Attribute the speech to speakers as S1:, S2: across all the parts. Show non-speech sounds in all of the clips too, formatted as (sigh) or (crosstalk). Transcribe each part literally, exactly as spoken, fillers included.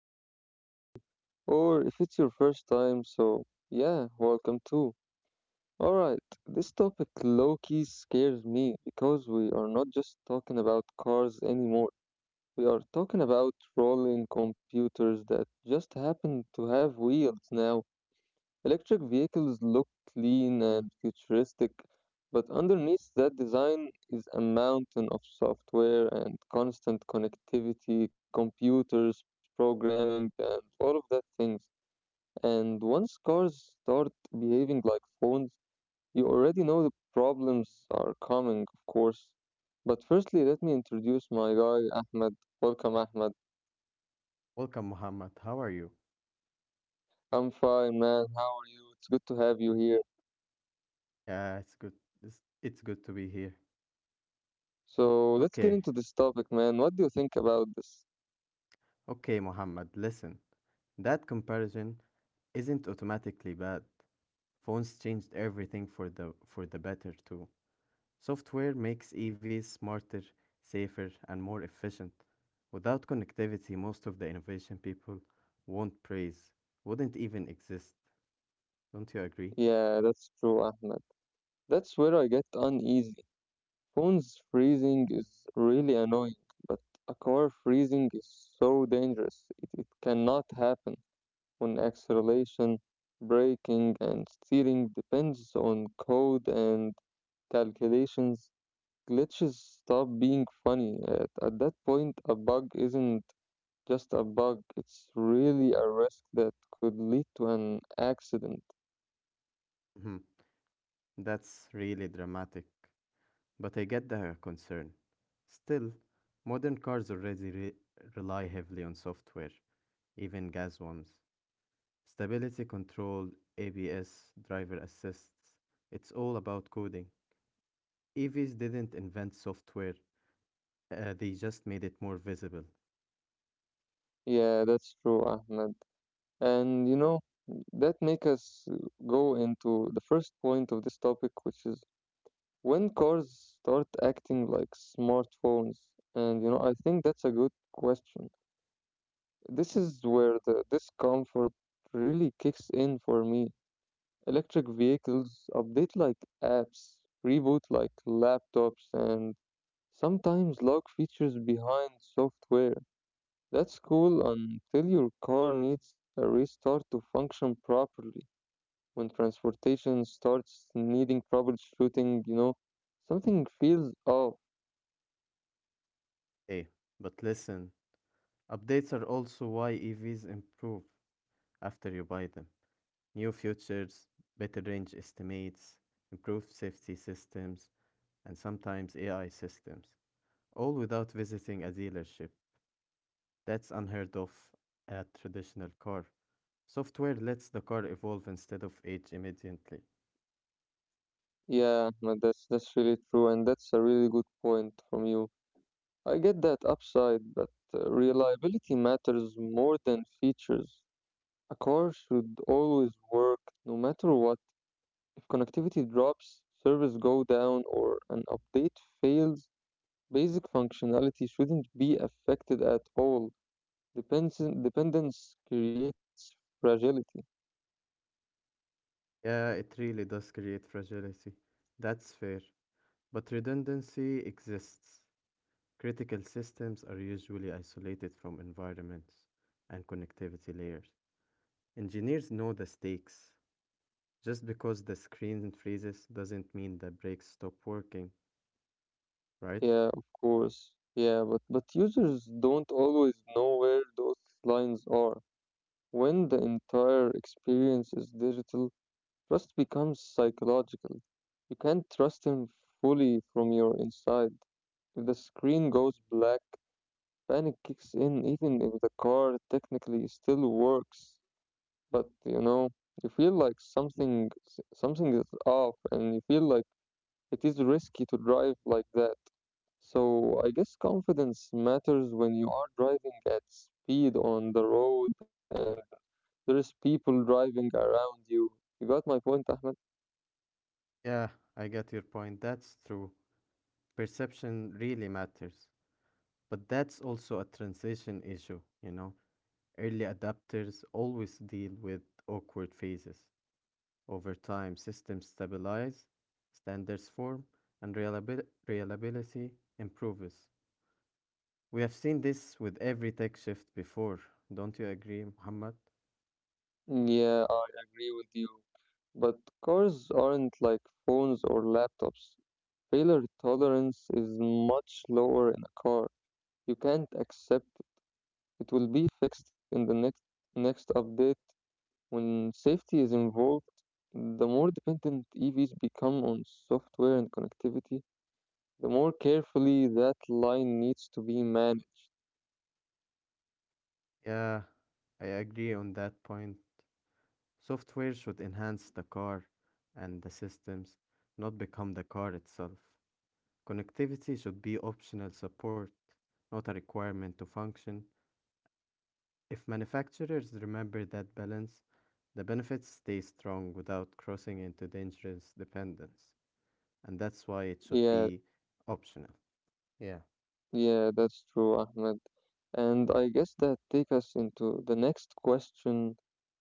S1: back to the show. Or if it's your first time, so yeah, welcome too. Alright, this topic low key scares me because we are not just talking about cars anymore. We are talking about rolling computers that just happen to have wheels now. Electric vehicles look clean and futuristic, but underneath that design is a mountain of software and constant connectivity, computers, programming, and all of that things. And once cars start behaving like phones, you already know the problems are coming, of course. But firstly, let me introduce my guy, Ahmed. Welcome, Ahmed.
S2: Welcome, Muhammad. How are you?
S1: I'm fine, man. How are you? It's good to have you here.
S2: Yeah, it's good. It's, it's good to be here.
S1: So let's get
S2: Okay,
S1: into this topic, man. What do you think about this?
S2: okay, Muhammad. Listen, that comparison isn't automatically bad. Phones changed everything for the for the better too. Software makes E Vs smarter, safer, and more efficient. Without connectivity, most of the innovation people won't praise wouldn't even exist. Don't you agree?
S1: Yeah, that's true, Ahmed. That's where I get uneasy. Phones freezing is really annoying, but a car freezing is so dangerous. It, it cannot happen when acceleration, braking, and steering depends on code and calculations. Glitches stop being funny. At, at that point, a bug isn't just a bug. It's really a risk that could lead to an accident.
S2: Mhm. That's really dramatic. But I get the concern. Still, modern cars already re- rely heavily on software, even gas ones. Stability control, A B S, driver assists. It's all about coding. E Vs didn't invent software, uh, they just made it more visible.
S1: Yeah, that's true, Ahmed. And you know, that make us go into the first point of this topic, which is when cars start acting like smartphones. And you know, I think that's a good question. This is where the discomfort really kicks in for me. Electric vehicles update like apps, reboot like laptops, and sometimes luck features behind software. That's cool until your car needs a restart to function properly. When transportation starts needing troubleshooting, you know, something feels off.
S2: Hey, but listen, updates are also why E Vs improve after you buy them. New features, better range estimates, improved safety systems, and sometimes A I systems, all without visiting a dealership. That's unheard of at traditional car. Software lets the car evolve instead of age immediately.
S1: Yeah, Ahmed, that's that's really true, and that's a really good point from you. I get that upside, but uh, reliability matters more than features. A car should always work, no matter what connectivity drops, servers go down, or an update fails, basic functionality shouldn't be affected at all. Depends- dependence creates fragility.
S2: Yeah, it really does create fragility. That's fair. But redundancy exists. Critical systems are usually isolated from environments and connectivity layers. Engineers know the stakes. Just because the screen freezes doesn't mean the brakes stop working, right?
S1: Yeah, of course. Yeah, but, but users don't always know where those lines are. When the entire experience is digital, trust becomes psychological. You can't trust him fully from your inside. If the screen goes black, panic kicks in even if the car technically still works, but you know, you feel like something something is off and you feel like it is risky to drive like that. So I guess confidence matters when you are driving at speed on the road and there's people driving around you. You got my point, Ahmed?
S2: Yeah, I get your point. That's true. Perception really matters. But that's also a transition issue, you know. Early adapters always deal with awkward phases. Over time, systems stabilize, standards form, and reliabil- reliability improves. We have seen this with every tech shift before. Don't you agree, Muhammad?
S1: Yeah, I agree with you. But cars aren't like phones or laptops. Failure tolerance is much lower in a car. You can't accept it it will be fixed in the next next update. When safety is involved, the more dependent E Vs become on software and connectivity, the more carefully that line needs to be managed.
S2: Yeah, I agree on that point. Software should enhance the car and the systems, not become the car itself. Connectivity should be optional support, not a requirement to function. If manufacturers remember that balance, the benefits stay strong without crossing into dangerous dependence, and that's why it should
S1: Yeah,
S2: be optional. Yeah.
S1: yeah, that's true, Ahmed. And I guess that takes us into the next question,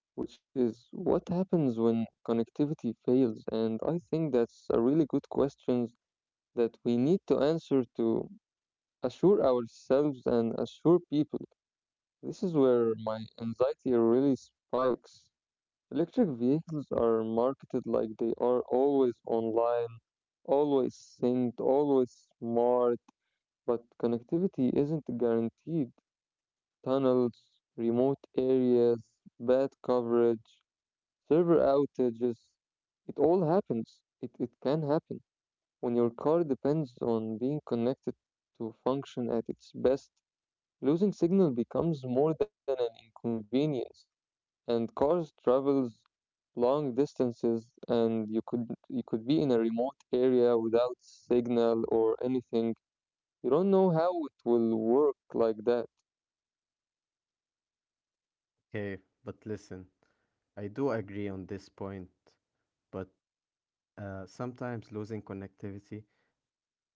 S1: which is what happens when connectivity fails. And I think that's a really good question that we need to answer to assure ourselves and assure people. This is where my anxiety really spikes. Electric vehicles are marketed like they are always online, always synced, always smart, but connectivity isn't guaranteed. Tunnels, remote areas, bad coverage, server outages. It all happens. It, it can happen when your car depends on being connected to function at its best. Losing signal becomes more than an inconvenience, and cars travels long distances, and you could you could be in a remote area without signal or anything. You don't know how it will work like that.
S2: Okay, but listen, I do agree on this point, but uh, sometimes losing connectivity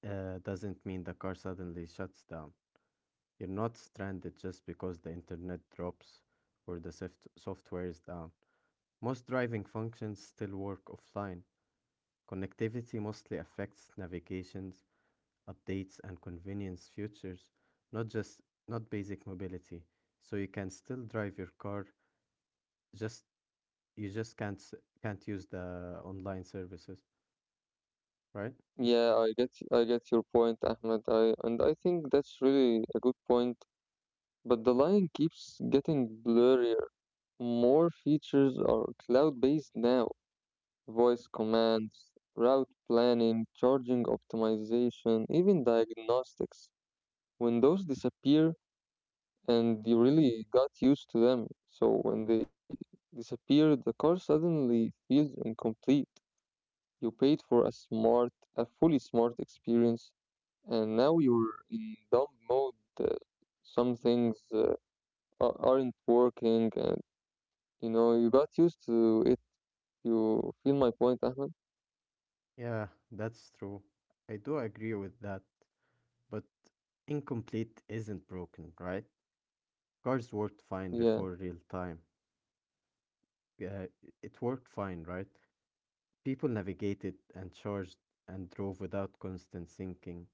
S2: uh, doesn't mean the car suddenly shuts down. You're not stranded just because the internet drops or the soft software is down. Most driving functions still work offline. Connectivity mostly affects navigations, updates, and convenience features, not just not basic mobility. So you can still drive your car, just you just can't s- can't use the online services, right?
S1: Yeah, I get I get your point, Ahmed. I and I think that's really a good point. But the line keeps getting blurrier. More features are cloud based now, voice commands, route planning, charging optimization, even diagnostics. When those disappear, and you really got used to them, so when they disappear, the car suddenly feels incomplete. You paid for a smart, a fully smart experience, and now you're in dumb mode. Uh, some things uh, a- aren't working, and you know, you got used to it. You feel my point, Ahmed?
S2: Yeah, that's true. I do agree with that, but incomplete isn't broken, right? Cars worked fine
S1: Yeah,
S2: before real time. Yeah, it worked fine, right? People navigated and charged and drove without constant thinking.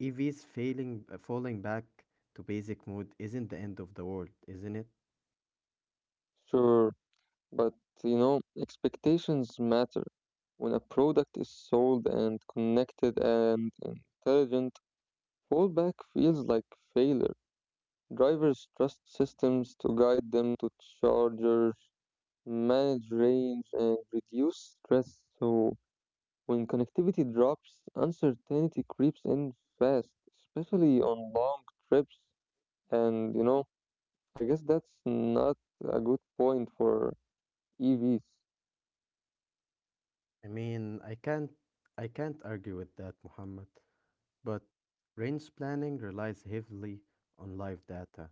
S2: E Vs failing, uh, falling back to basic mode isn't the end of the world, isn't it?
S1: sure. But, you know, expectations matter. When a product is sold and connected and intelligent, fallback feels like failure. Drivers trust systems to guide them to chargers, manage range, and reduce stress. So, when connectivity drops, uncertainty creeps in fast, especially on long trips. And you know, I guess that's not a good point for E Vs.
S2: I mean, I can't, I can't argue with that, Muhammad. But range planning relies heavily on live data.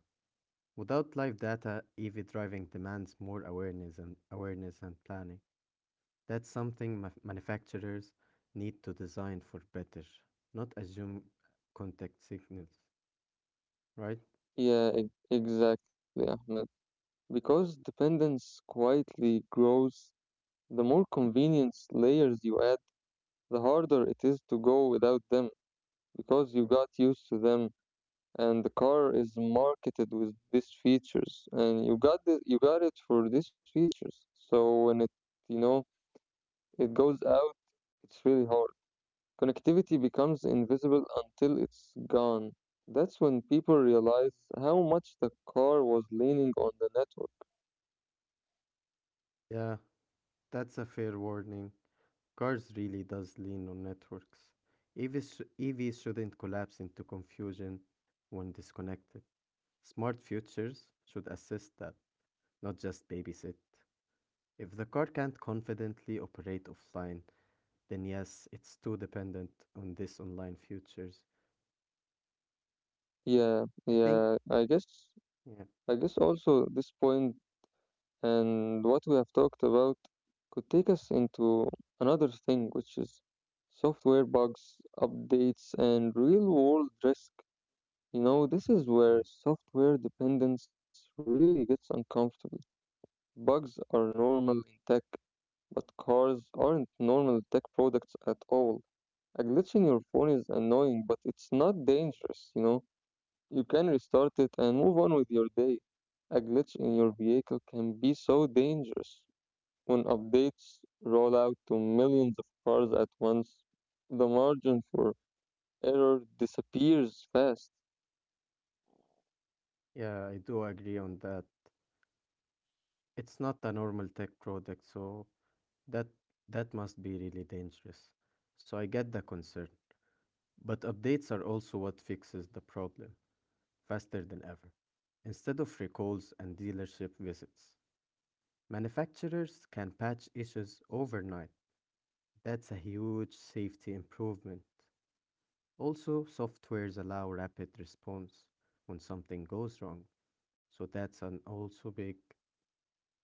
S2: Without live data, E V driving demands more awareness and awareness and planning. That's something ma- manufacturers need to design for better, not assume contact signals, right?
S1: Yeah, e- exactly, Ahmed. Because dependence quietly grows, the more convenience layers you add, the harder it is to go without them because you got used to them and the car is marketed with these features and you got the, you got it for these features. So when it, you know, it goes out, it's really hard. Connectivity becomes invisible until it's gone. That's when people realize how much the car was leaning on the network.
S2: Yeah, that's a fair warning. Cars really does lean on networks. E Vs, sh- E Vs shouldn't collapse into confusion when disconnected. Smart futures should assist that, not just babysit. If the car can't confidently operate offline, then yes, it's too dependent on these online futures.
S1: Yeah,
S2: I think,
S1: yeah, I guess
S2: yeah,
S1: I guess also this point and what we have talked about could take us into another thing, which is software bugs, updates, and real-world risk. You know, this is where
S2: mm,
S1: software dependence really gets uncomfortable. Bugs are normal in tech, but cars aren't normal tech products at all. A glitch in your phone is annoying, but it's not dangerous, you know. You can restart it and move on with your day. A glitch in your vehicle can be so dangerous. When updates roll out to millions of cars at once, the margin for error disappears fast.
S2: yeah, I do agree on that. It's not a normal tech product, so that that must be really dangerous. So I get the concern. But updates are also what fixes the problem faster than ever. Instead of recalls and dealership visits, manufacturers can patch issues overnight. That's a huge safety improvement. Also, softwares allow rapid response when something goes wrong. So that's an also big,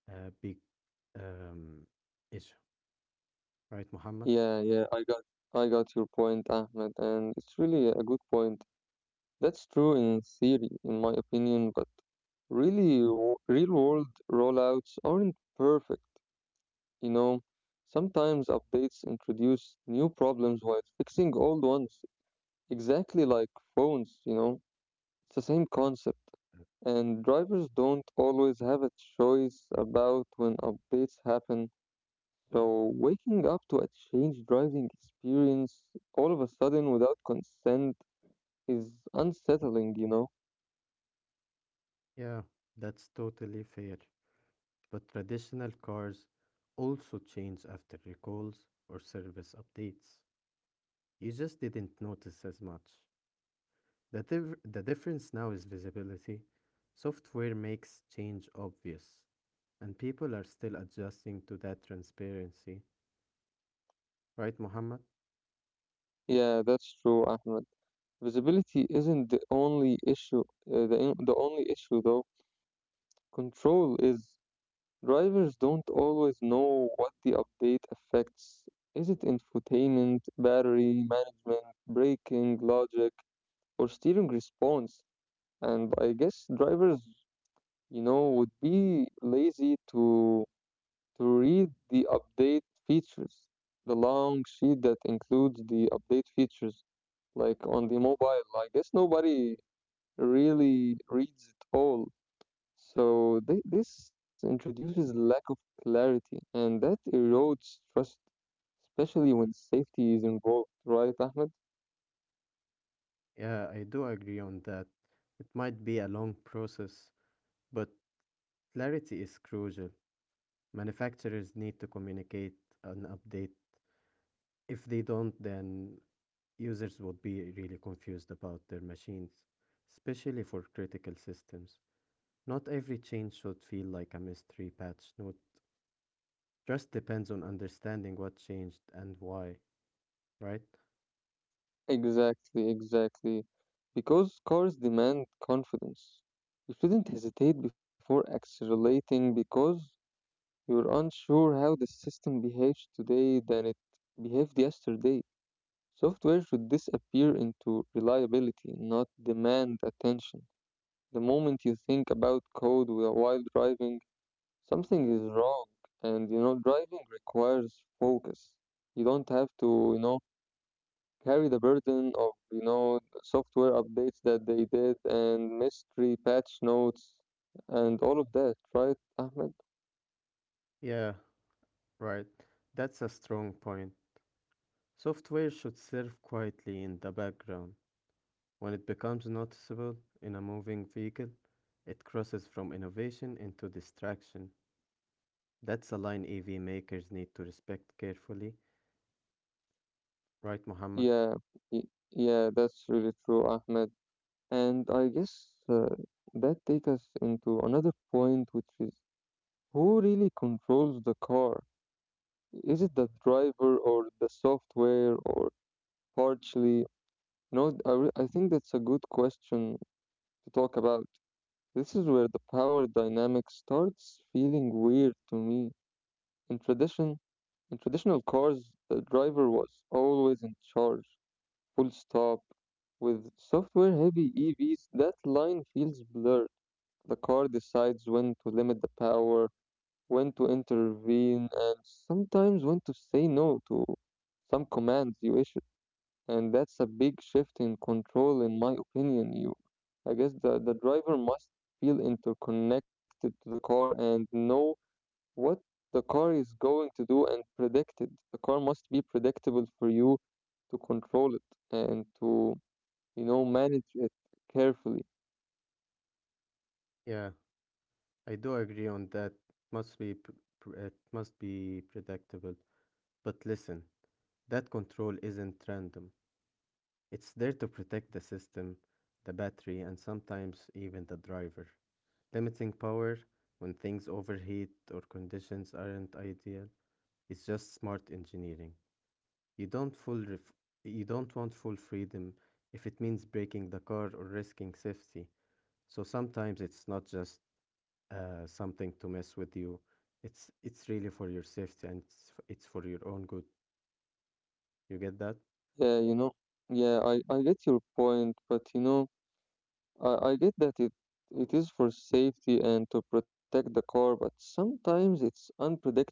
S2: uh, big um, issue, right, Muhammad?
S1: Yeah, yeah, I got I got your point, Ahmed, and it's really a good point. That's true in theory, in my opinion, but really, w- real world rollouts aren't perfect. You know, sometimes updates introduce new problems while fixing old ones, exactly like phones, you know, it's the same concept. And drivers don't always have a choice about when updates happen. So, waking up to a changed driving experience all of a sudden without consent is unsettling, you know?
S2: Yeah, that's totally fair. But traditional cars also change after recalls or service updates. You just didn't notice as much. The, div- the difference now is visibility. Software makes change obvious, and people are still adjusting to that transparency. Right, Mohammed?
S1: Yeah, that's true, Ahmed. Visibility isn't the only issue, uh, the, in- the only issue though. Control is. Drivers don't always know what the update affects. Is it infotainment, battery management, braking, logic, or steering response? And I guess drivers, you know, would be lazy to to read the update features, the long sheet that includes the update features like on the mobile. I guess nobody really reads it all. So thi- this introduces lack of clarity, and that erodes trust, especially when safety is involved, right, Ahmed?
S2: Yeah, I do agree on that. It might be a long process, but clarity is crucial. Manufacturers need to communicate an update. If they don't, then users would be really confused about their machines, especially for critical systems. Not every change should feel like a mystery patch note. Just depends on understanding what changed and why, right?
S1: Exactly, exactly. Because cars demand confidence. You shouldn't hesitate before accelerating because you're unsure how the system behaves today than it behaved yesterday. Software should disappear into reliability, not demand attention. The moment you think about code whi- while driving, something is wrong. And you know, driving requires focus. You don't have to, you know, carry the burden of, you know, software updates that they did and mystery patch notes and all of that, right, Ahmed?
S2: Yeah, right. That's a strong point. Software should serve quietly in the background. When it becomes noticeable in a moving vehicle, it crosses from innovation into distraction. That's a line E V makers need to respect carefully, right, Muhammad?
S1: Yeah, y- yeah, that's really true, Ahmed. And I guess uh, that takes us into another point, which is who really controls the car? Is it the driver or the software or partially? No, I, re- I think that's a good question to talk about. This is where the power dynamic starts feeling weird to me. In tradition, in traditional cars, the driver was always in charge, full stop. With software-heavy E Vs, that line feels blurred. The car decides when to limit the power, when to intervene, and sometimes when to say no to some commands you issue. And that's a big shift in control, in my opinion. You, I guess the, the driver must feel interconnected to the car and know what the car is going to do and predict it. The car must be predictable for you to control it and to, you know, manage it carefully.
S2: Yeah. I do agree on that. Must be p- pr- It must be predictable. But listen, that control isn't random. It's there to protect the system, the battery, and sometimes even the driver. Limiting power when things overheat or conditions aren't ideal is just smart engineering. You don't full ref- you don't want full freedom if it means breaking the car or risking safety. So sometimes it's not just uh, something to mess with you. It's it's really for your safety and it's, f- it's for your own good. You get that?
S1: Yeah, you know, yeah, I, I get your point, but you know, I, I get that it it is for safety and to protect the car, but sometimes it's unpredictable.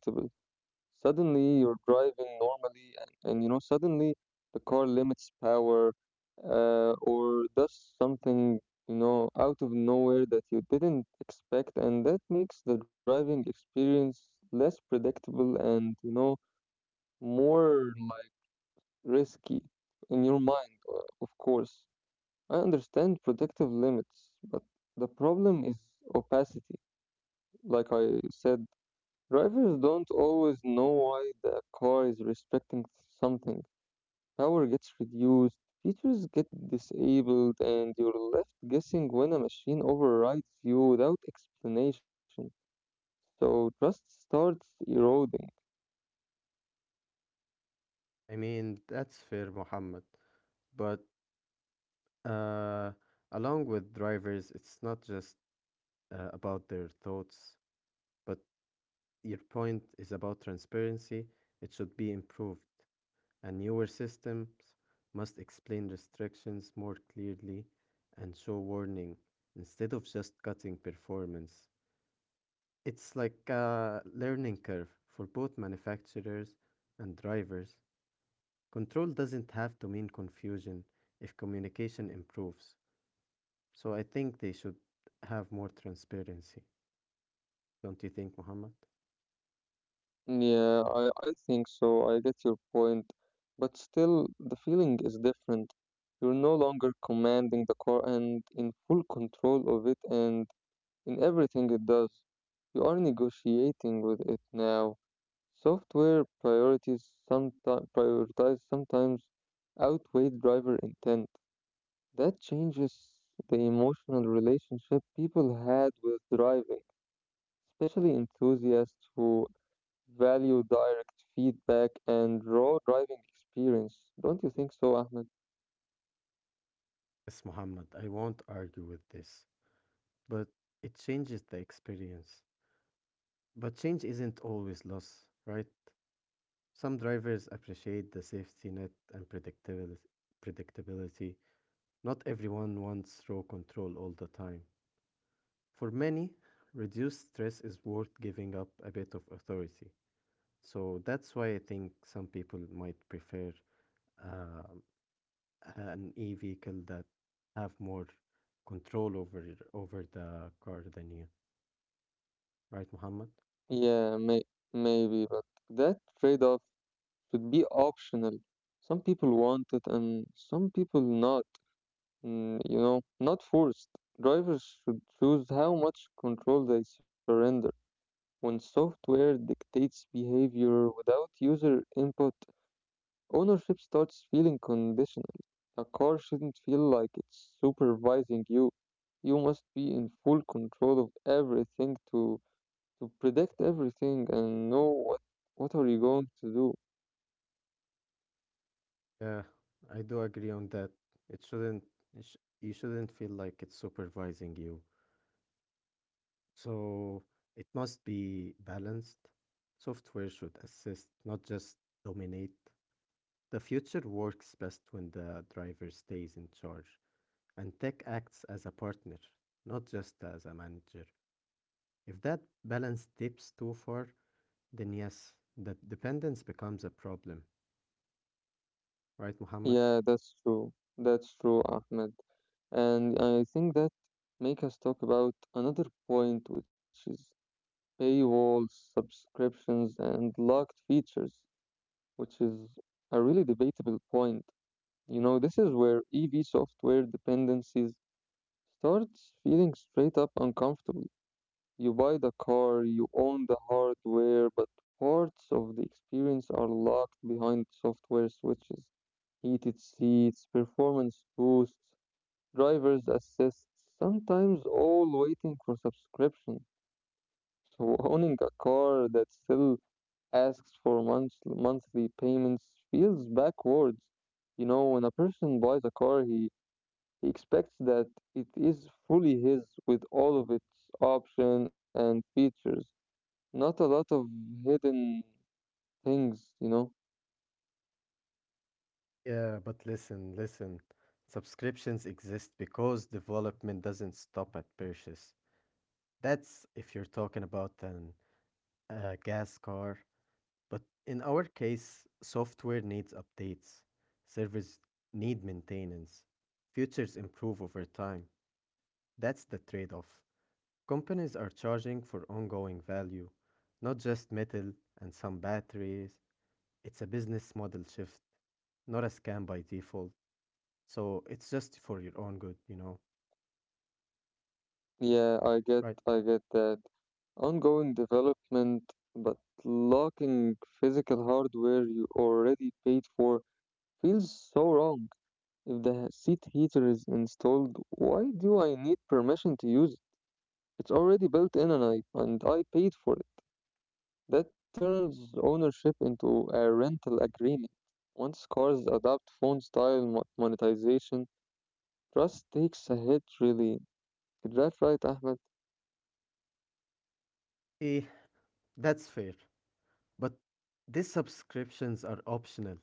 S1: Suddenly you're driving normally and, and you know, suddenly the car limits power uh, or does something, you know, out of nowhere that you didn't expect, and that makes the driving experience less predictable and, you know, more risky in your mind, o- of course. I understand protective limits, but the problem is opacity. Like I said, drivers don't always know why the car is restricting something. Power gets reduced, features get disabled, and you're left guessing when a machine overrides you without explanation. So trust starts eroding.
S2: I mean, that's fair, Muhammad. But uh, along with drivers, it's not just uh, about their thoughts, but your point is about transparency. It should be improved, and newer systems must explain restrictions more clearly and show warning instead of just cutting performance. It's like a learning curve for both manufacturers and drivers. Control doesn't have to mean confusion if communication improves. So I think they should have more transparency. Don't you think, Muhammad?
S1: Yeah, I, I think so. I get your point. But still, the feeling is different. You're no longer commanding the car and in full control of it and in everything it does. You are negotiating with it now. Software priorities sometimes prioritize sometimes outweigh driver intent. That changes the emotional relationship people had with driving, especially enthusiasts who value direct feedback and raw driving experience. Don't you think so, Ahmed?
S2: Yes, Muhammad, I won't argue with this, but it changes the experience. But change isn't always loss, right? Some drivers appreciate the safety net and predictability. Predictability. Not everyone wants raw control all the time. For many, reduced stress is worth giving up a bit of authority. So that's why I think some people might prefer um an e-vehicle that have more control over over the car than you, right, Muhammad?
S1: Yeah, may- maybe, but that trade off should be optional. Some people want it and some people not, mm, you know, not forced. Drivers should choose how much control they surrender. When software dictates behavior without user input, ownership starts feeling conditional. A car shouldn't feel like it's supervising you. You must be in full control of everything to to predict everything and know what what are you going to do.
S2: Yeah, I do agree on that. It shouldn't it sh You shouldn't feel like it's supervising you. So it must be balanced. Software should assist, not just dominate. The future works best when the driver stays in charge and tech acts as a partner, not just as a manager. If that balance dips too far, then yes, that dependence becomes a problem. Right, Muhammad?
S1: Yeah, that's true. That's true, Ahmed. And I think that make us talk about another point, which is paywalls, subscriptions, and locked features, which is a really debatable point. You know, this is where E V software dependencies starts feeling straight up uncomfortable. You buy the car, you own the hardware, but parts of the experience are locked behind software switches. Heated seats, performance boosts, driver's assist, sometimes all waiting for subscription. So (laughs) owning a car that still asks for month- monthly payments feels backwards. You know, when a person buys a car, he he expects that it is fully his with all of its options and features, not a lot of hidden things, you know?
S2: Yeah, but listen, listen. Subscriptions exist because development doesn't stop at purchase. That's if you're talking about an, a gas car. But in our case, software needs updates, servers need maintenance, futures improve over time. That's the trade off. Companies are charging for ongoing value, not just metal and some batteries. It's a business model shift, not a scam by default. So it's just for your own good, you know?
S1: Yeah, I get,
S2: Right.
S1: I get that. Ongoing development, but locking physical hardware you already paid for feels so wrong. If the seat heater is installed, why do I need permission to use it? It's already built in and I, and I paid for it. That turns ownership into a rental agreement. Once cars adopt phone style mo- monetization, trust takes a hit really. Is that right, Ahmed?
S2: Eh, that's fair. But these subscriptions are optional.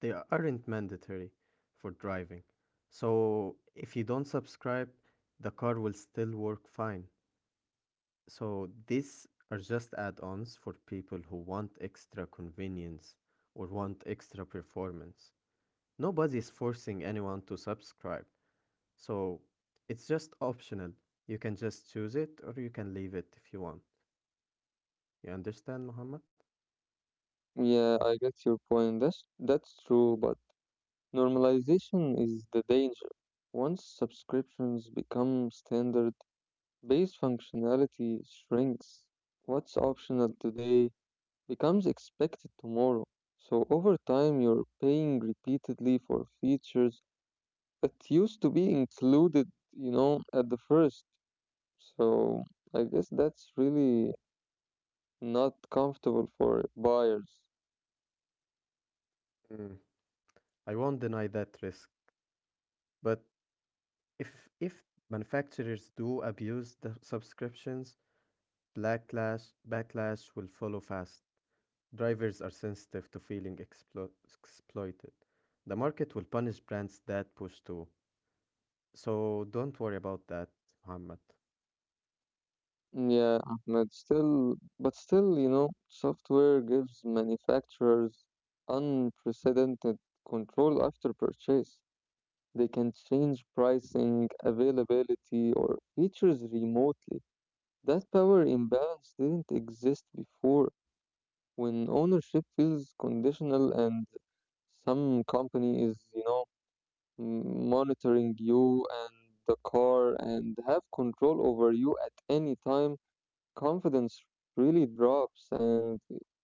S2: They aren't mandatory for driving. So if you don't subscribe, the car will still work fine. So these are just add-ons for people who want extra convenience or want extra performance. Nobody is forcing anyone to subscribe. So it's just optional. You can just choose it or you can leave it if you want. You understand, Muhammad?
S1: Yeah, I get your point. That's, that's true, but normalization is the danger. Once subscriptions become standard, base functionality shrinks. What's optional today becomes expected tomorrow. So over time, you're paying repeatedly for features it used to be included, you know, at the first. So I guess that's really not comfortable for buyers.
S2: Mm. I won't deny that risk, but If if manufacturers do abuse the subscriptions, backlash backlash will follow fast. Drivers are sensitive to feeling explo- exploited. The market will punish brands that push too. So don't worry about that, Muhammad.
S1: Yeah, but still, but still, you know, software gives manufacturers unprecedented control after purchase. They can change pricing, availability, or features remotely. That power imbalance didn't exist before. When ownership feels conditional and some company is, you know, m- monitoring you and the car and have control over you at any time. Confidence really drops, and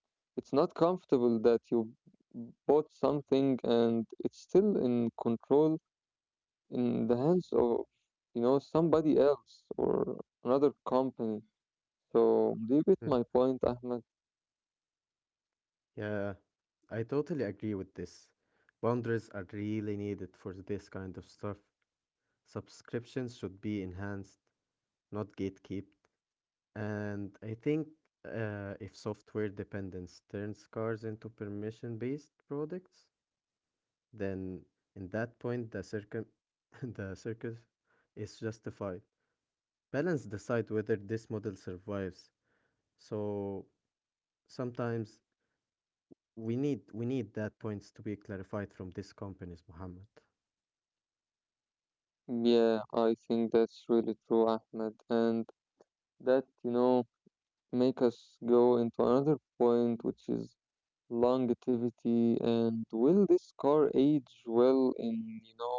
S1: it's not comfortable that you b- bought something and it's still in control in the hands of, you know, somebody else or another company. So, do you get
S2: Mm.
S1: my point, Ahmed?
S2: Yeah, I totally agree with this. Boundaries are really needed for this kind of stuff. Subscriptions should be enhanced, not gatekept. And I think uh, if software dependence turns cars into permission based products, then in that point the circum (laughs) the circus is justified. Balance decide whether this model survives. So sometimes we need we need that points to be clarified from these companies, Muhammad.
S1: Yeah, I think that's really true, Ahmed, and that, you know. Make us go into another point, which is longevity and will this car age well in, you know,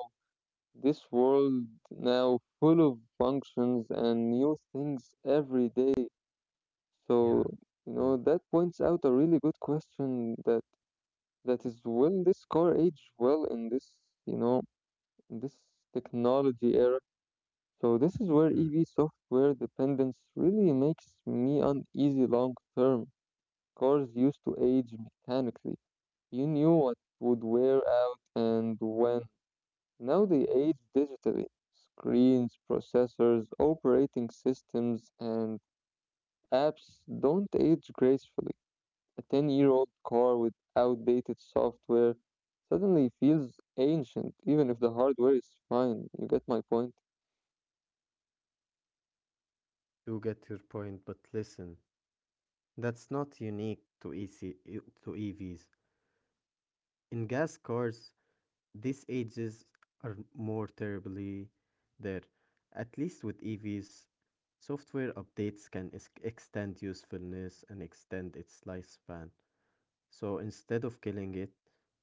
S1: this world now full of functions and new things every day. So,
S2: Yeah.
S1: you know, that
S2: Mm.
S1: points out a really good question that that is will this car age well in this, you know, in this technology era? So this is where
S2: Mm.
S1: E V software dependence really makes me uneasy long term. Cars used to age mechanically. You knew what would wear out and when. Now they age digitally. Screens, processors, operating systems, and apps don't age gracefully. A ten year old car with outdated software suddenly feels ancient, even if the hardware is fine. You get my point?
S2: Do get your point, but listen, that's not unique to E C to E Vs. In gas cars, these ages are more terribly there. At least with E Vs, software updates can ex- extend usefulness and extend its lifespan. So instead of killing it,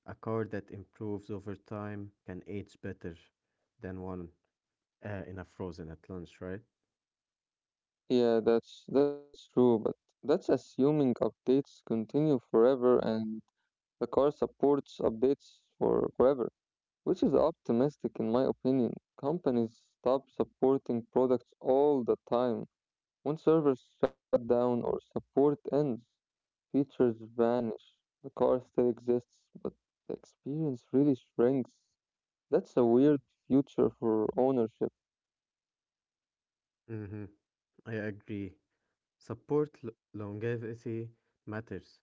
S2: a car that improves over time can age better than one uh, in a frozen at lunch, right?
S1: Yeah, that's that's true, but that's assuming updates continue forever and the car supports updates for forever, which is optimistic in my opinion. Companies stop supporting products all the time. When servers shut down or support ends, features vanish. The car still exists, but the experience really shrinks. That's a weird future for ownership.
S2: Mm-hmm. I agree. Support l- longevity matters.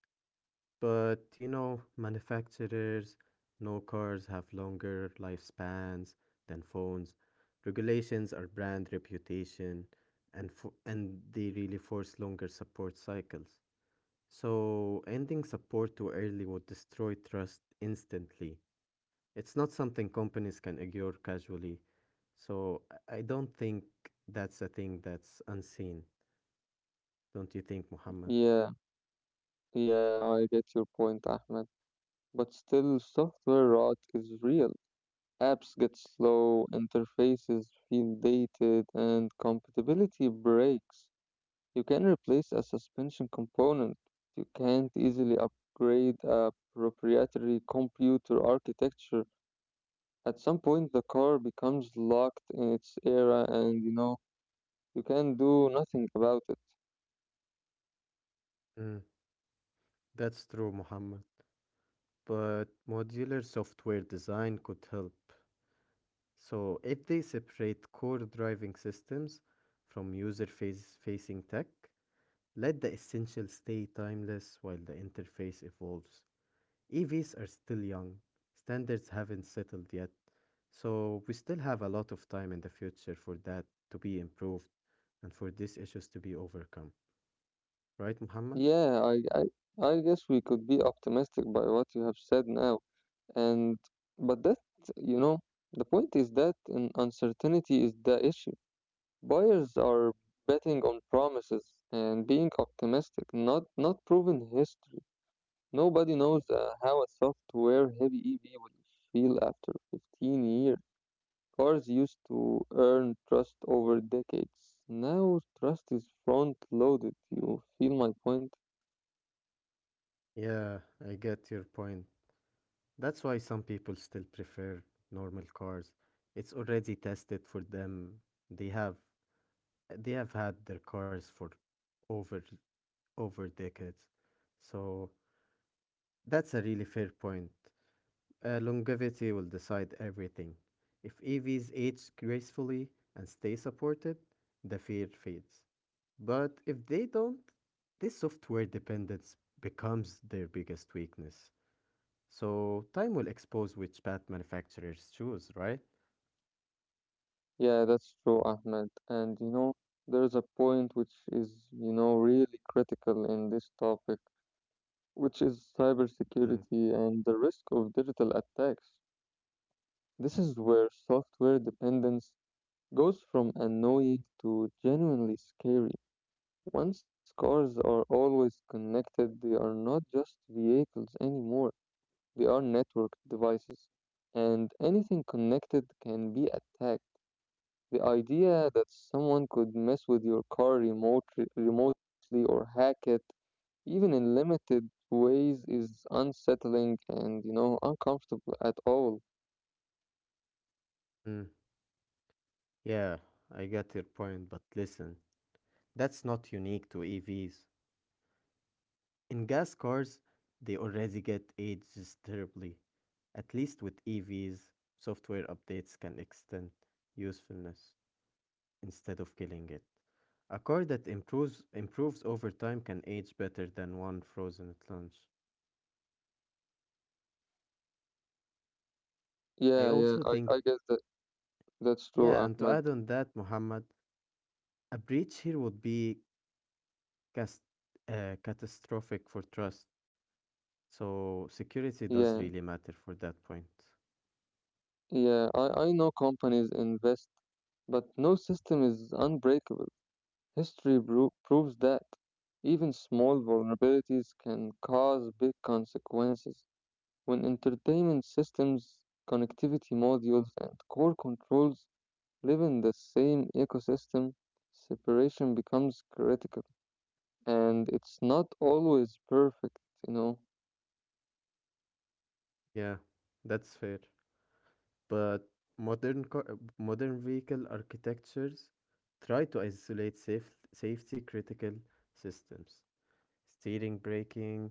S2: But you know, manufacturers know cars have longer lifespans than phones. Regulations are brand reputation, and fo- and they really force longer support cycles. So ending support too early would destroy trust instantly. It's not something companies can ignore casually. So I I don't think that's a thing that's unseen. Don't you think, Muhammad?
S1: Yeah, yeah, I get your point, Ahmed. But still, software rot is real. Apps get slow, interfaces feel dated, and compatibility breaks. You can replace a suspension component, but you can't easily upgrade a proprietary computer architecture. At some point, the car becomes locked in its era, and you know, you can do nothing about it.
S2: Mm, that's true, Muhammad. But modular software design could help. So, if they separate core driving systems from user face- facing tech, let the essential stay timeless while the interface evolves. E Vs are still young, standards haven't settled yet, so we still have a lot of time in the future for that to be improved and for these issues to be overcome. Right, Muhammad?
S1: Yeah, I, I, I guess we could be optimistic by what you have said now. And, but that, you know, the point is that in uncertainty is the issue. Buyers are betting on promises and being optimistic, not not proven history. Nobody knows uh, how a software heavy E V will feel after fifteen years. Cars used to earn trust over decades. Now trust is front loaded. You feel my point?
S2: Yeah, I get your point. That's why some people still prefer normal cars. It's already tested for them. They have they have had their cars for over over decades. So that's a really fair point. Uh, longevity will decide everything. If E Vs age gracefully and stay supported, the fear fades. But if they don't, this software dependence becomes their biggest weakness. So time will expose which path manufacturers choose, right?
S1: Yeah, that's true, Ahmed. And you know, there's a point which is, you know, really critical in this topic, which is
S2: Mhm.
S1: cybersecurity and the risk of digital attacks. This is where software dependence goes from annoying to genuinely scary. Once cars are always connected, they are not just vehicles anymore, they are network devices. And anything connected can be attacked. The idea that someone could mess with your car remote, remotely or hack it, even in limited ways, is unsettling and, you know, uncomfortable at all.
S2: Mm, Yeah, I get your point, but listen, that's not unique to E Vs. In gas cars, they already get aged terribly. At least with E Vs, software updates can extend usefulness instead of killing it. A car that improves improves over time can age better than one frozen at lunch.
S1: Yeah,
S2: I
S1: yeah, I,
S2: also
S1: I
S2: think,
S1: guess that. That's true,
S2: yeah, and to
S1: Ahmed.
S2: add on that, Muhammad, a breach here would be cas- uh, catastrophic for trust. So security
S1: Yeah,
S2: does really matter for that point.
S1: yeah, I, I know companies invest, but no system is unbreakable. History bro proves that. Even small vulnerabilities can cause big consequences. When entertainment systems, connectivity modules, and core controls live in the same ecosystem, separation becomes critical. And it's not always perfect, you know.
S2: Yeah, that's fair. But modern co- modern vehicle architectures try to isolate safe- safety critical systems. Steering, braking,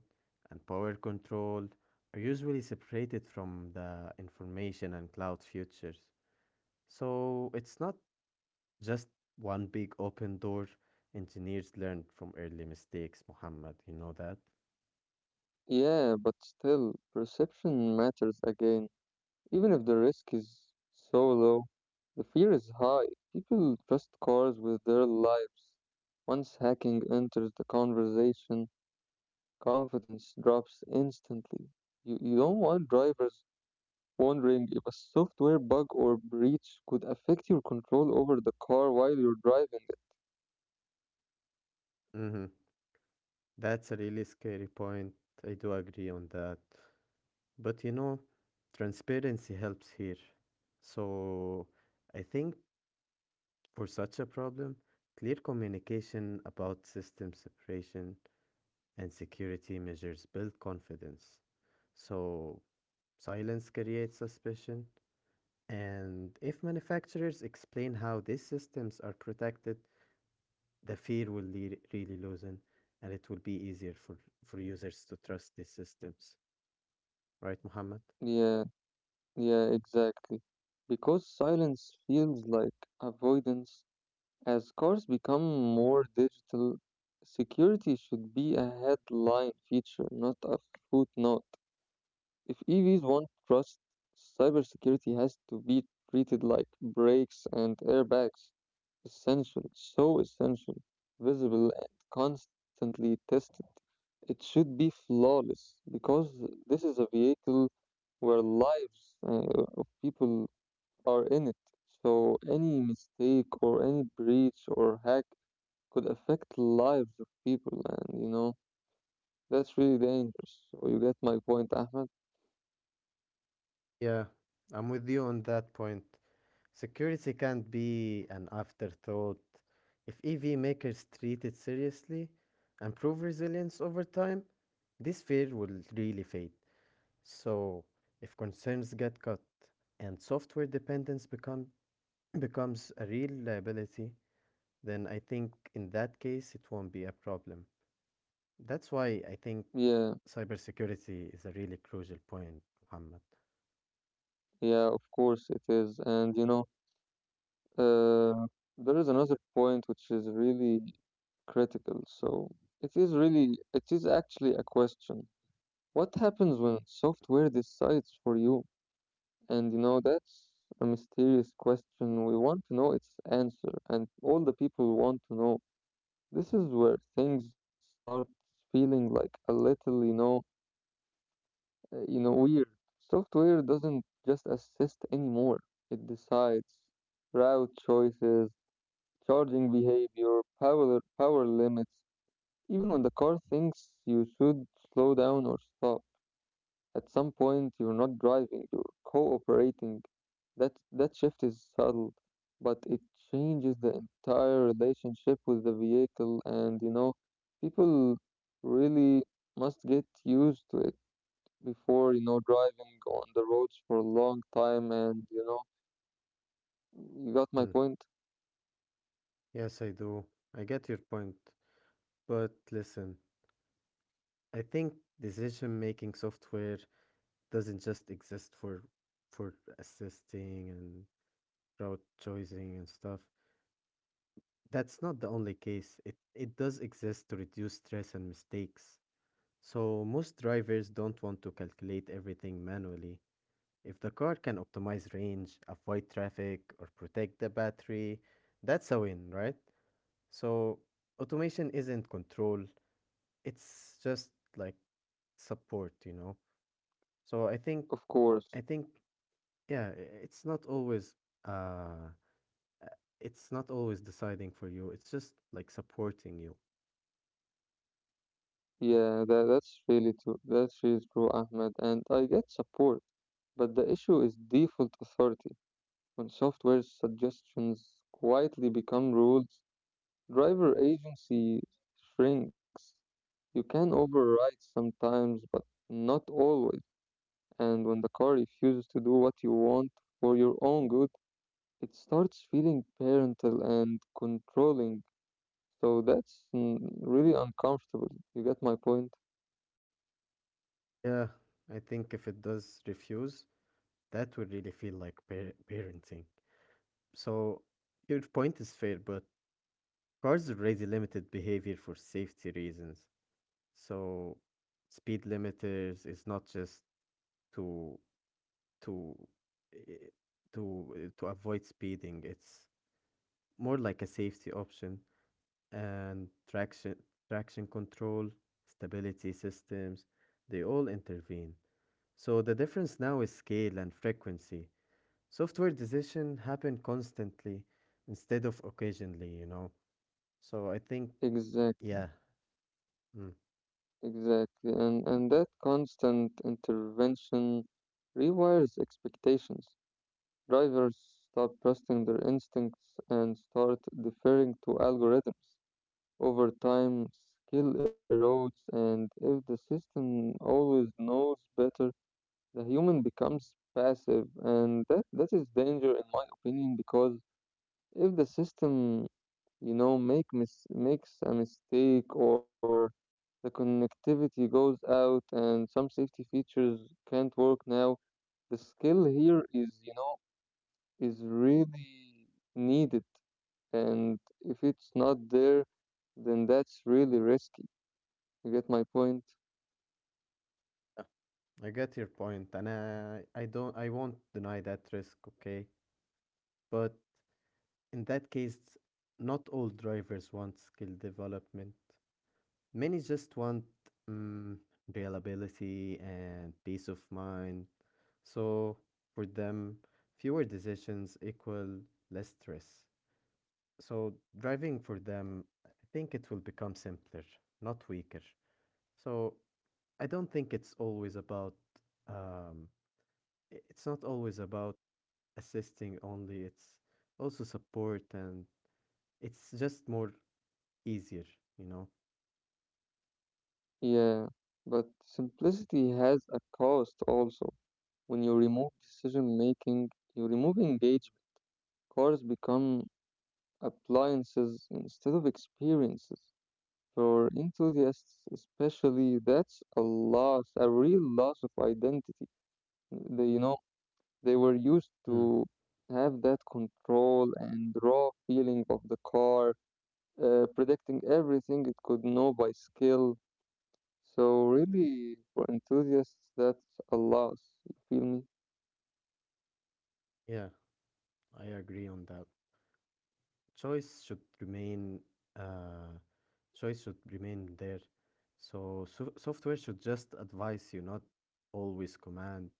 S2: and power control are usually separated from the information and cloud futures. So it's not just one big open door. Engineers learn from early mistakes, Muhammad. You know that?
S1: Yeah, but still, perception matters again. Even if the risk is so low, the fear is high. People trust cars with their lives. Once hacking enters the conversation, confidence drops instantly. You, you don't want drivers wondering if a software bug or breach could affect your control over the car while you're driving it.
S2: Mm-hmm. That's a really scary point. I do agree on that. But you know, transparency helps here. So I think for such a problem, clear communication about system separation and security measures build confidence. So silence creates suspicion, and if manufacturers explain how these systems are protected, the fear will le- really loosen and it will be easier for, for users to trust these systems. Right, Muhammad?
S1: Yeah, yeah, exactly. Because silence feels like avoidance. As cars become more digital, security should be a headline feature, not a footnote. If E Vs want trust, cybersecurity has to be treated like brakes and airbags, essential, so essential, visible, and constantly tested. It should be flawless because this is a vehicle where lives uh, of people are in it. So any mistake or any breach or hack could affect lives of people and you know that's really dangerous so you get my point Ahmed?
S2: Yeah, I'm with you on that point. Security can't be an afterthought. If E V makers treat it seriously and prove resilience over time, this fear will really fade. So, if concerns get cut and software dependence become becomes a real liability, then I think in that case it won't be a problem. That's why I think
S1: Yeah,
S2: cybersecurity is a really crucial point, Muhammad.
S1: yeah of course it is and you know uh, there is another point which is really critical so it is really it is actually a question what happens when software decides for you and you know that's a mysterious question we want to know its answer and all the people want to know. This is where things start feeling like a little you know uh, you know, weird. Software doesn't just assist anymore. It decides route choices, charging behavior, power power limits. Even when the car thinks you should slow down or stop, at some point you're not driving, you're cooperating. That that shift is subtle, but it changes the entire relationship with the vehicle and you know, people really must get used to it before, you know, driving on the roads for a long time, and you know, you got my
S2: Mm,
S1: point?
S2: Yes, I do. I get your point. But listen, I think decision-making software doesn't just exist for for assisting and route choosing and stuff. That's not the only case. It it does exist to reduce stress and mistakes. So most drivers don't want to calculate everything manually. If the car can optimize range, avoid traffic, or protect the battery, that's a win, right? So automation isn't control, it's just like support, you know. So I think
S1: Of course.
S2: I think yeah, i- it's not always uh uh, it's not always deciding for you. It's just like supporting you.
S1: Yeah, that, that's really true. That's really true, Ahmed. And I get support, but the issue is default authority. When software suggestions quietly become rules, driver agency shrinks. You can override sometimes, but not always. And when the car refuses to do what you want for your own good, it starts feeling parental and controlling. So that's mm, really uncomfortable. You get my point?
S2: Yeah, I think if it does refuse, that would really feel like par- parenting. So your point is fair, but cars raise limited behavior for safety reasons. So speed limiters is not just to to eh, to eh, to avoid speeding. It's more like a safety option and traction traction control, stability systems, they all intervene. So the difference now is scale and frequency. Software decision happen constantly instead of occasionally, you know. So I think,
S1: Exactly,
S2: yeah, mm,
S1: exactly. And and that constant intervention rewires expectations. Drivers stop trusting their instincts and start deferring to algorithms. Over time, skill erodes, and if the system always knows better, the human becomes passive, and that, that is danger in my opinion because if the system, you know, make mis- makes a mistake or the connectivity goes out and some safety features can't work now, the skill here is, you know, is really needed, and if it's not there, then that's really risky. You get my point?
S2: yeah. I get your point, and I, I don't, I won't deny that risk, okay? But in that case, not all drivers want skill development. Many just want mm reliability and peace of mind. So for them, fewer decisions equal less stress. So driving for them, I think it will become simpler, not weaker. So I don't think it's always about um i- it's not always about assisting only, it's also support and it's just more easier, you know.
S1: Yeah, but simplicity has a cost also. When you remove decision making, you remove engagement. Cars become appliances instead of experiences. For enthusiasts, especially, that's a loss, a real loss of identity. They, you know, they were used
S2: Mm,
S1: to have that control and raw feeling of the car, uh, predicting everything it could know by skill. So really, for enthusiasts, that's a loss. You feel me?
S2: yeah, I agree on that. Choice should remain uh Choice should remain there. So, so software should just advise you, not always command.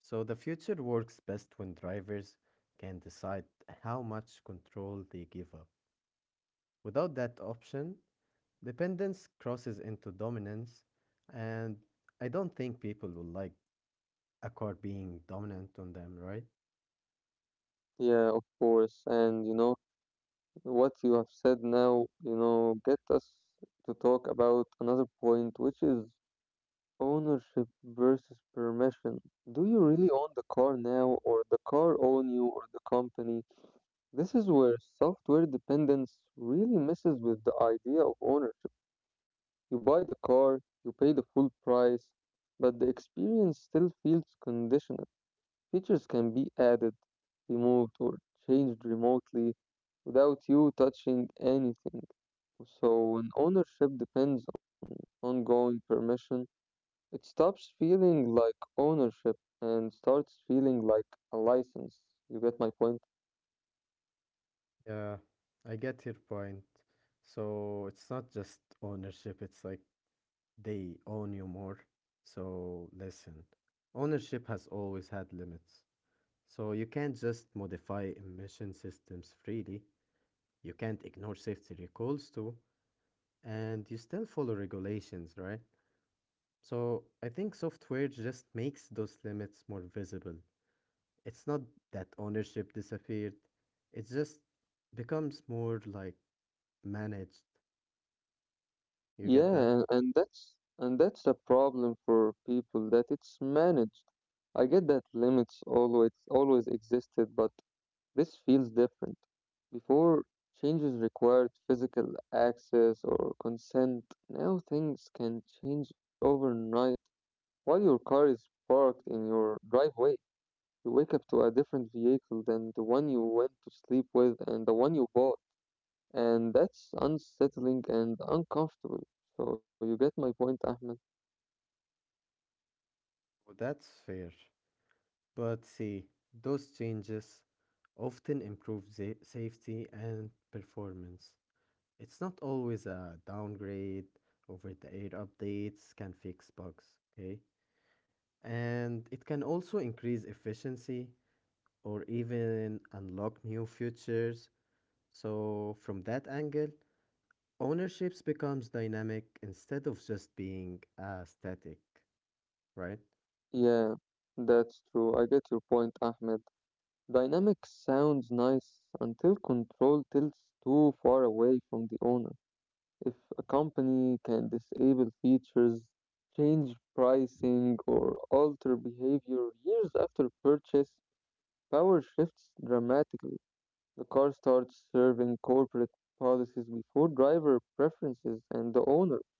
S2: So the future works best when drivers can decide how much control they give up. Without that option, dependence crosses into dominance, and I don't think people will like a car being dominant on them, right?
S1: Yeah, of course. And you know, what you have said now, you know, get us to talk about another point, which is ownership versus permission. Do you really own the car now, or the car own you, or the company? This is where software dependence really messes with the idea of ownership. You buy the car, you pay the full price, but the experience still feels conditional. Features can be added, removed, or changed remotely without you touching anything. So when ownership depends on ongoing permission, it stops feeling like ownership and starts feeling like a license. You get my point?
S2: Yeah, I get your point. So it's not just ownership, it's like they own you more. So listen, ownership has always had limits. So you can't just modify emission systems freely, you can't ignore safety recalls too, and you still follow regulations, right? So I think software just makes those limits more visible. It's not that ownership disappeared, it just becomes more like managed. You get that?
S1: Yeah, and that's and that's the problem for people that it's managed. I get that limits always always existed, but this feels different. Before, changes required physical access or consent. Now things can change overnight. While your car is parked in your driveway, you wake up to a different vehicle than the one you went to sleep with and the one you bought. And that's unsettling and uncomfortable. So, you get my point, Ahmed?
S2: Oh, that's fair. But see, those changes often improve sa- safety and performance. It's not always a downgrade, over the air updates can fix bugs, okay? And it can also increase efficiency or even unlock new futures. So, from that angle, ownerships becomes dynamic instead of just being uh, static, right?
S1: Yeah, that's true. I get your point, Ahmed. Dynamic sounds nice until control tilts too far away from the owner. If a company can disable features, change pricing, or alter behavior years after purchase, power shifts dramatically. The car starts serving corporate policies before driver preferences and the owner.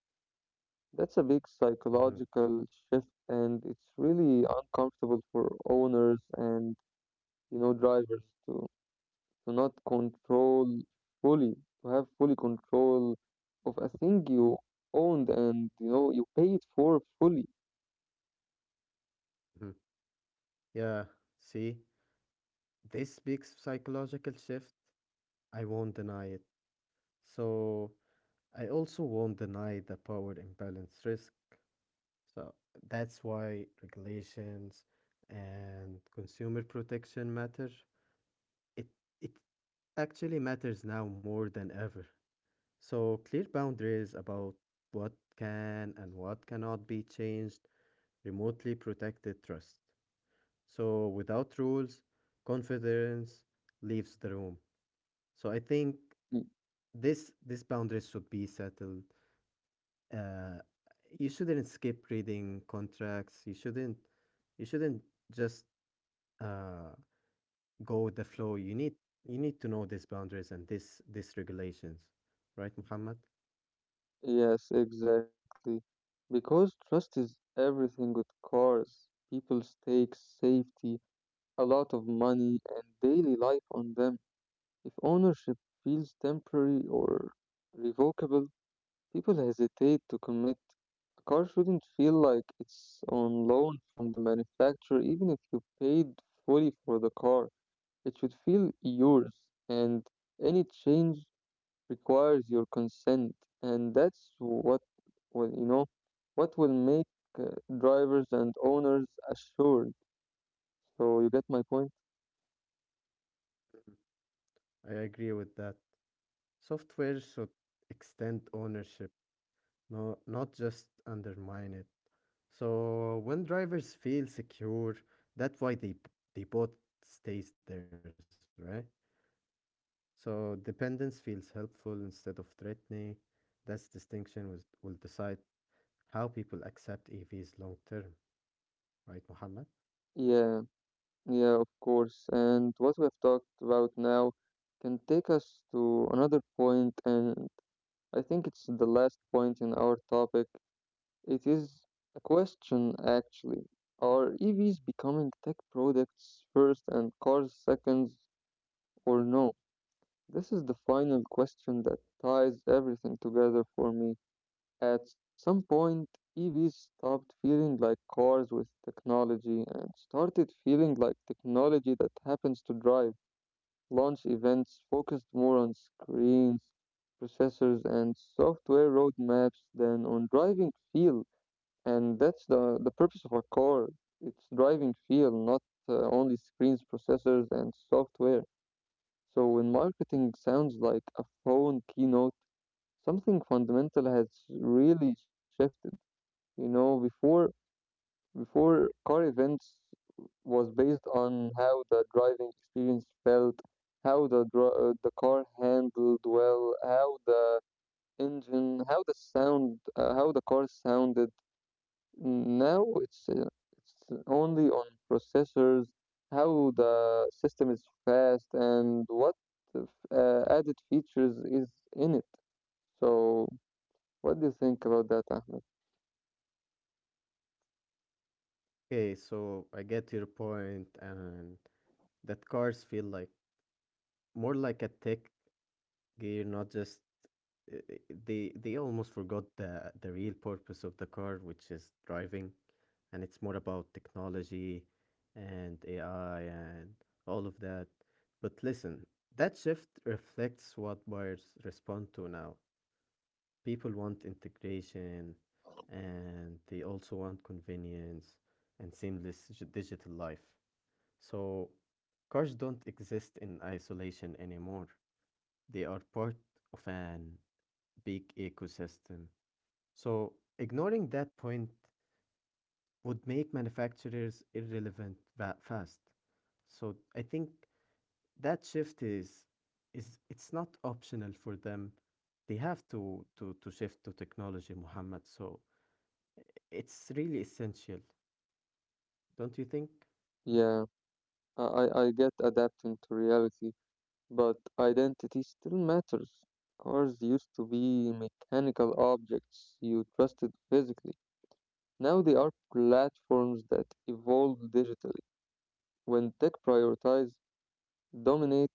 S1: That's a big
S2: hmm
S1: psychological shift, and it's really uncomfortable for owners and you know drivers to to not control fully, to have fully control of a thing you owned and you know you paid for fully.
S2: hmm Yeah, see, this big psychological shift, I won't deny it. So, I also won't deny the power imbalance risk. So, that's why regulations and consumer protection matter. It it actually matters now more than ever. So, clear boundaries about what can and what cannot be changed remotely protected trust. So, without rules, confidence leaves the room. So, I think
S1: Y-
S2: this this boundaries should be settled. Uh, you shouldn't skip reading contracts. You shouldn't you shouldn't just uh, go with the flow. You need you need to know these boundaries and this these regulations, right, Muhammad?
S1: Yes, exactly. Because trust is everything with cars. People stake safety, a lot of money, and daily life on them. If ownership feels temporary or revocable, people hesitate to commit. A car shouldn't feel like it's on loan from the manufacturer, even if you paid fully for the car. It should feel yours, and any change requires your consent, and that's what will you know what will make uh, drivers and owners assured. So you get my point?
S2: I agree with that. Software should extend ownership, no, not just undermine it. So when drivers feel secure, that's why they they both stays theirs, right? So dependence feels helpful instead of threatening. That distinction was, will decide how people accept E Vs long term, right, Muhammad?
S1: Yeah, yeah, of course. And what we have talked about now can take us to another point, and I think it's the last point in our topic. It is a question actually. Are E Vs becoming tech products first and cars second or no? This is the final question that ties everything together for me. At some point, E Vs stopped feeling like cars with technology and started feeling like technology that happens to drive. Launch events focused more on screens, processors, and software roadmaps than on driving feel. And that's the, the purpose of a car. It's driving feel, not uh, only screens, processors, and software. So when marketing sounds like a phone keynote, something fundamental has really shifted. You know, before before car events was based on how the driving experience felt, how the dri- uh, the car handled well, how the engine, how the sound, uh, how the car sounded. Now it's uh, it's only on processors, how the system is fast, and what the f- uh, added features is in it. So, what do you think about that, Ahmed?
S2: Okay, so I get your point, and that cars feel like more like a tech gear, not just uh, uh, they they almost forgot the the real purpose of the car, which is driving, and it's more about technology and A I and all of that. But listen, that shift reflects what buyers respond to now. People want integration, and they also want convenience and seamless g- digital life. So cars don't exist in isolation anymore. They are part of an big ecosystem, so ignoring that point would make manufacturers irrelevant that fast. So I think that shift is is it's not optional for them. They have to to to shift to technology, Muhammad. So it's really essential, don't you think?
S1: Yeah, I I I get adapting to reality, but identity still matters. Cars used to be mechanical objects you trusted physically. Now they are platforms that evolve digitally. When tech prioritize dominate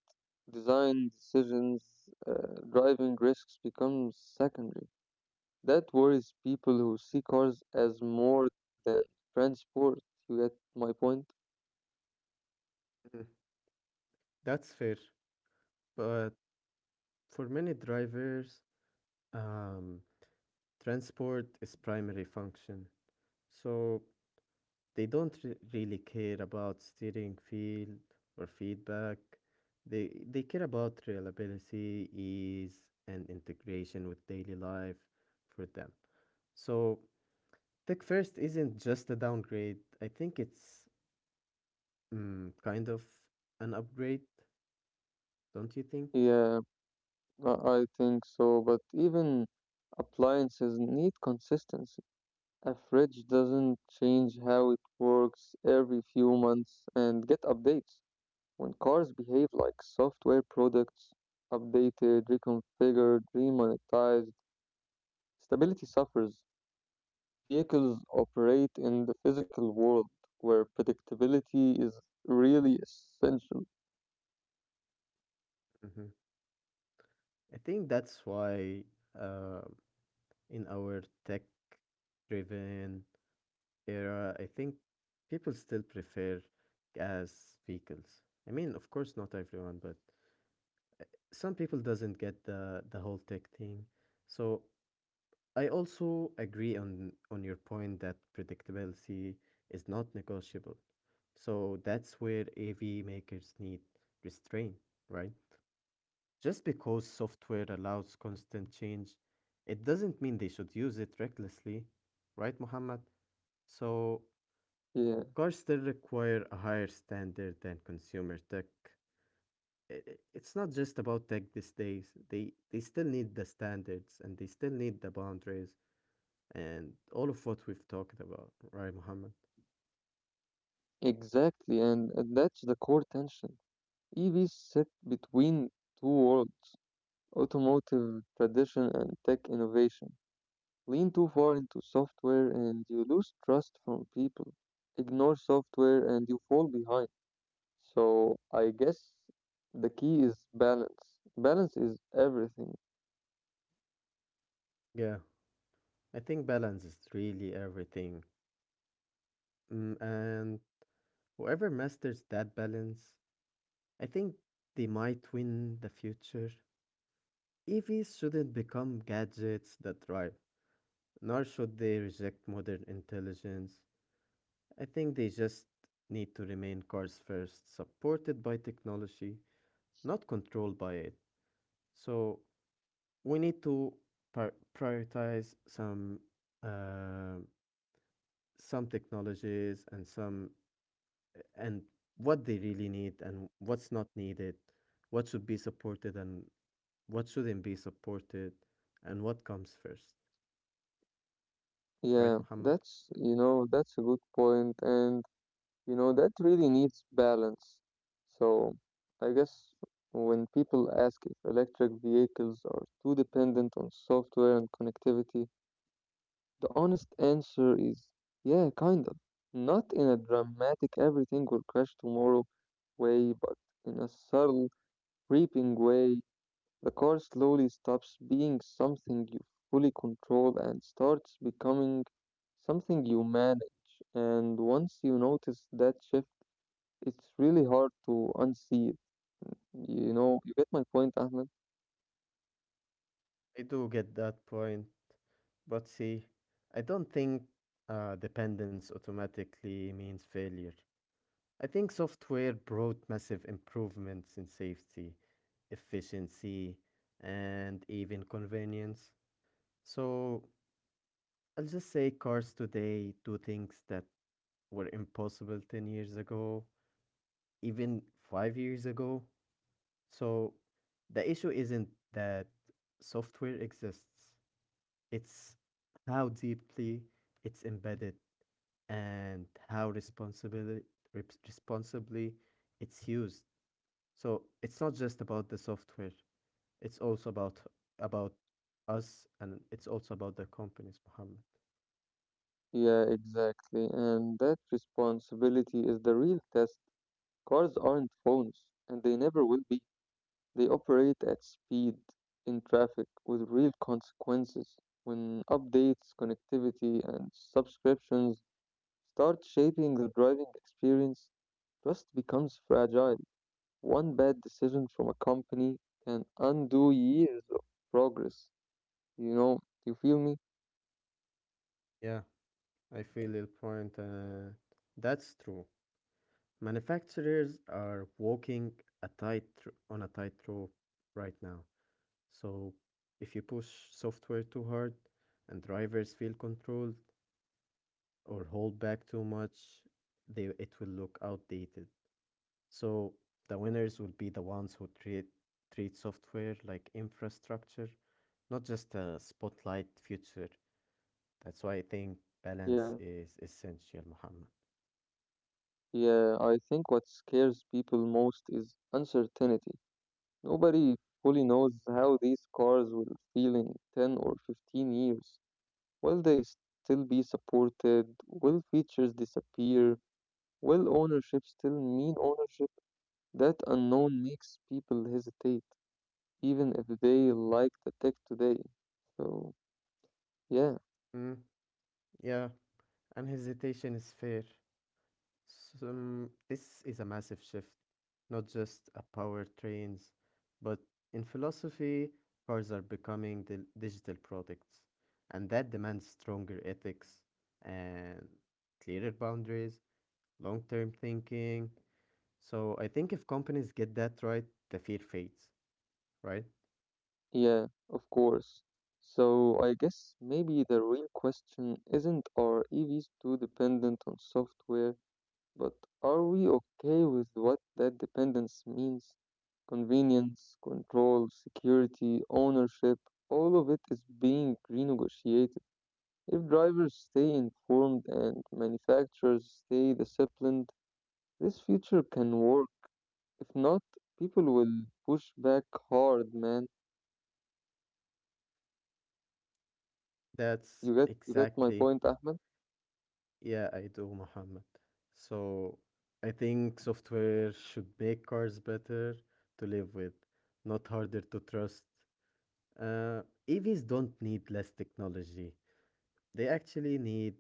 S1: design decisions, uh, driving risks become secondary. That worries people who see cars as more than transport. You get my point?
S2: Mhm. That's fair, but for many drivers, um, transport is primary function. So they don't re- really care about steering feel or feedback. They they care about reliability, ease, and integration with daily life for them. So tech first isn't just a downgrade. I think it's mm, kind of an upgrade, don't you think?
S1: Yeah, I I think so. But even appliances need consistency. A fridge doesn't change how it works every few months and get updates. When cars behave like software products, updated, reconfigured, remonetized, stability suffers. Vehicles operate in the physical world where predictability is really essential.
S2: Mhm. I think that's why uh, in our tech-driven era, I think people still prefer gas vehicles. I mean, of course, not everyone, but some people doesn't get the the whole tech thing. So I also agree on on your point that predictability is not negotiable. So that's where A V makers need restraint, right? Just because software allows constant change, it doesn't mean they should use it recklessly, right, Muhammad? So
S1: Yeah,
S2: cars still require a higher standard than consumer tech. I- i- It's not just about tech these days. They they still need the standards and they still need the boundaries and all of what we've talked about, right, Muhammad?
S1: exactly, and, and that's the core tension. E Vs sit between two worlds, automotive tradition and tech innovation. Lean too far into software and you lose trust from people. Ignore software and you fall behind. So I guess the key is balance. Balance is everything.
S2: Yeah, I think balance is really everything. Mm, and whoever masters that balance, I think they might win the future. E Vs shouldn't become gadgets that drive, nor should they reject modern intelligence. I think they just need to remain cars first, supported by technology, not controlled by it. So we need to pri- prioritize some um some technologies and some and what they really need and what's not needed, what should be supported and what shouldn't be supported, and what comes first, right,
S1: Yeah,
S2: Muhammad?
S1: that's you know that's a good point, and you know that really needs balance. So I guess when people ask if electric vehicles are too dependent on software and connectivity, the honest answer is yeah, kind of. Not in a dramatic everything will crash tomorrow way, but in a subtle, creeping way. The car slowly stops being something you fully control and starts becoming something you manage. And once you notice that shift, it's really hard to unsee it. You know, you get my point, Ahmed?
S2: I do get that point, but see, I don't think uh, dependence automatically means failure. I think software brought massive improvements in safety, efficiency, and even convenience. So I'll just say cars today do things that were impossible ten years ago, even five years ago. So the issue isn't that software exists, it's how deeply it's embedded and how responsibly, responsibly it's used. So it's not just about the software, it's also about about us and it's also about the companies, Muhammad.
S1: Yeah, exactly. And that responsibility is the real test. Cars aren't phones, and they never will be. They operate at speed in traffic with real consequences. When updates, connectivity, and subscriptions start shaping the driving experience, trust becomes fragile. One bad decision from a company can undo years of progress. You know, you feel me?
S2: Yeah. I feel your point. Uh, that's true. Manufacturers are walking a tight on a tightrope right now. So if you push software too hard and drivers feel controlled or hold back too much, they it will look outdated. So the winners will be the ones who treat treat software like infrastructure, not just a spotlight feature. That's why I think balance
S1: Yeah,
S2: is essential, Muhammad.
S1: yeah. I think what scares people most is uncertainty. Nobody fully knows how these cars will feel in ten or fifteen years. Will they still be supported? Will features disappear? Will ownership still mean ownership? That unknown makes people hesitate, even if they like the tech today. So, yeah,
S2: Mm, yeah, and hesitation is fair. Some, this is a massive shift, not just a power trains, but in philosophy, cars are becoming the digital products, and that demands stronger ethics and clearer boundaries, long-term thinking. So I think if companies get that right, the fear fades, right?
S1: yeah, of course. So, I guess maybe the real question isn't are E Vs too dependent on software? But are we okay with what that dependence means? Convenience, control, security, ownership, all of it is being renegotiated. If drivers stay informed and manufacturers stay disciplined, this future can work. If not, people will push back hard, man.
S2: That's
S1: You get you get my
S2: exactly.
S1: point, Ahmed?
S2: Yeah, I do, Mohammed. So I think software should make cars better to live with, not harder to trust. Uh, E Vs don't need less technology. They actually need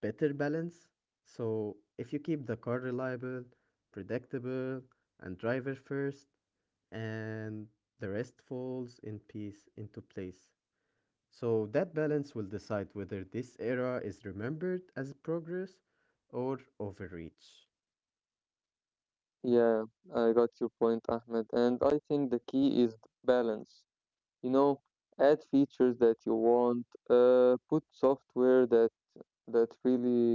S2: better balance. So if you keep the car reliable, predictable, and driver first, and the rest falls in peace into place. So that balance will decide whether this era is remembered as progress or overreach.
S1: Yeah, I got your point, Ahmed. And I think the key is balance. You know, add features that you want, uh, put software that that really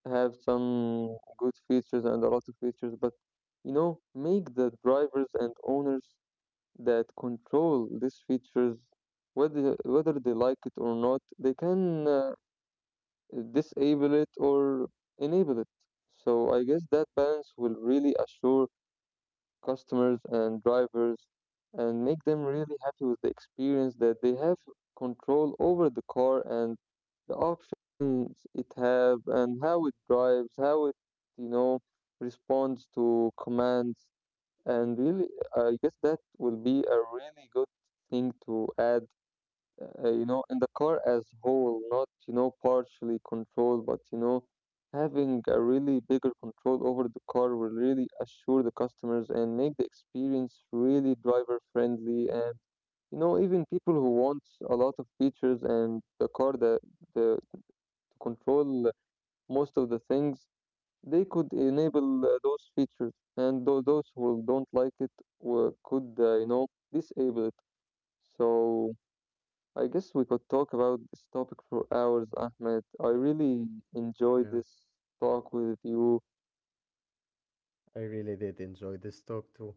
S1: have some good features and a lot of features, but you know make the drivers and owners that control these features, whether whether they like it or not, they can uh, disable it or enable it. So I guess that balance will really assure customers and drivers and make them really happy with the experience that they have control
S2: Yeah,
S1: over the car and the options it have and how it drives, how it, you know, responds to commands, and really I guess that will be a really good thing to add. Uh, you know, and the car as whole, not, you know, partially controlled, but, you know, having a really bigger control over the car will really assure the customers and make the experience really driver friendly. And, you know, even people who want a lot of features and the car that the, to control most of the things, they could enable uh, those features. And tho- those who don't like it uh, could, uh, you know, disable it. So. I guess we could talk about this topic for hours, Ahmed. I really enjoyed
S2: yeah.
S1: this talk with you.
S2: I really did enjoy this talk too.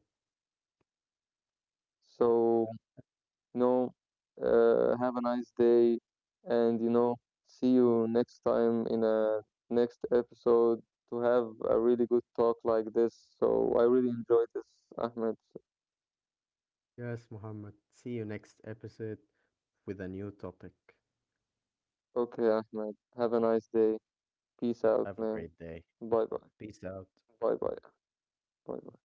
S1: So, you know, uh, have a nice day and, you know, see you next time in a next episode to have a really good talk like this. So, I really enjoyed this, Ahmed.
S2: Yes, Muhammad. See you next episode with a new topic.
S1: Okay, Ahmed. Have a nice day. Peace out,
S2: Have a
S1: man.
S2: great day.
S1: Bye bye.
S2: Peace out.
S1: Bye bye. Bye bye.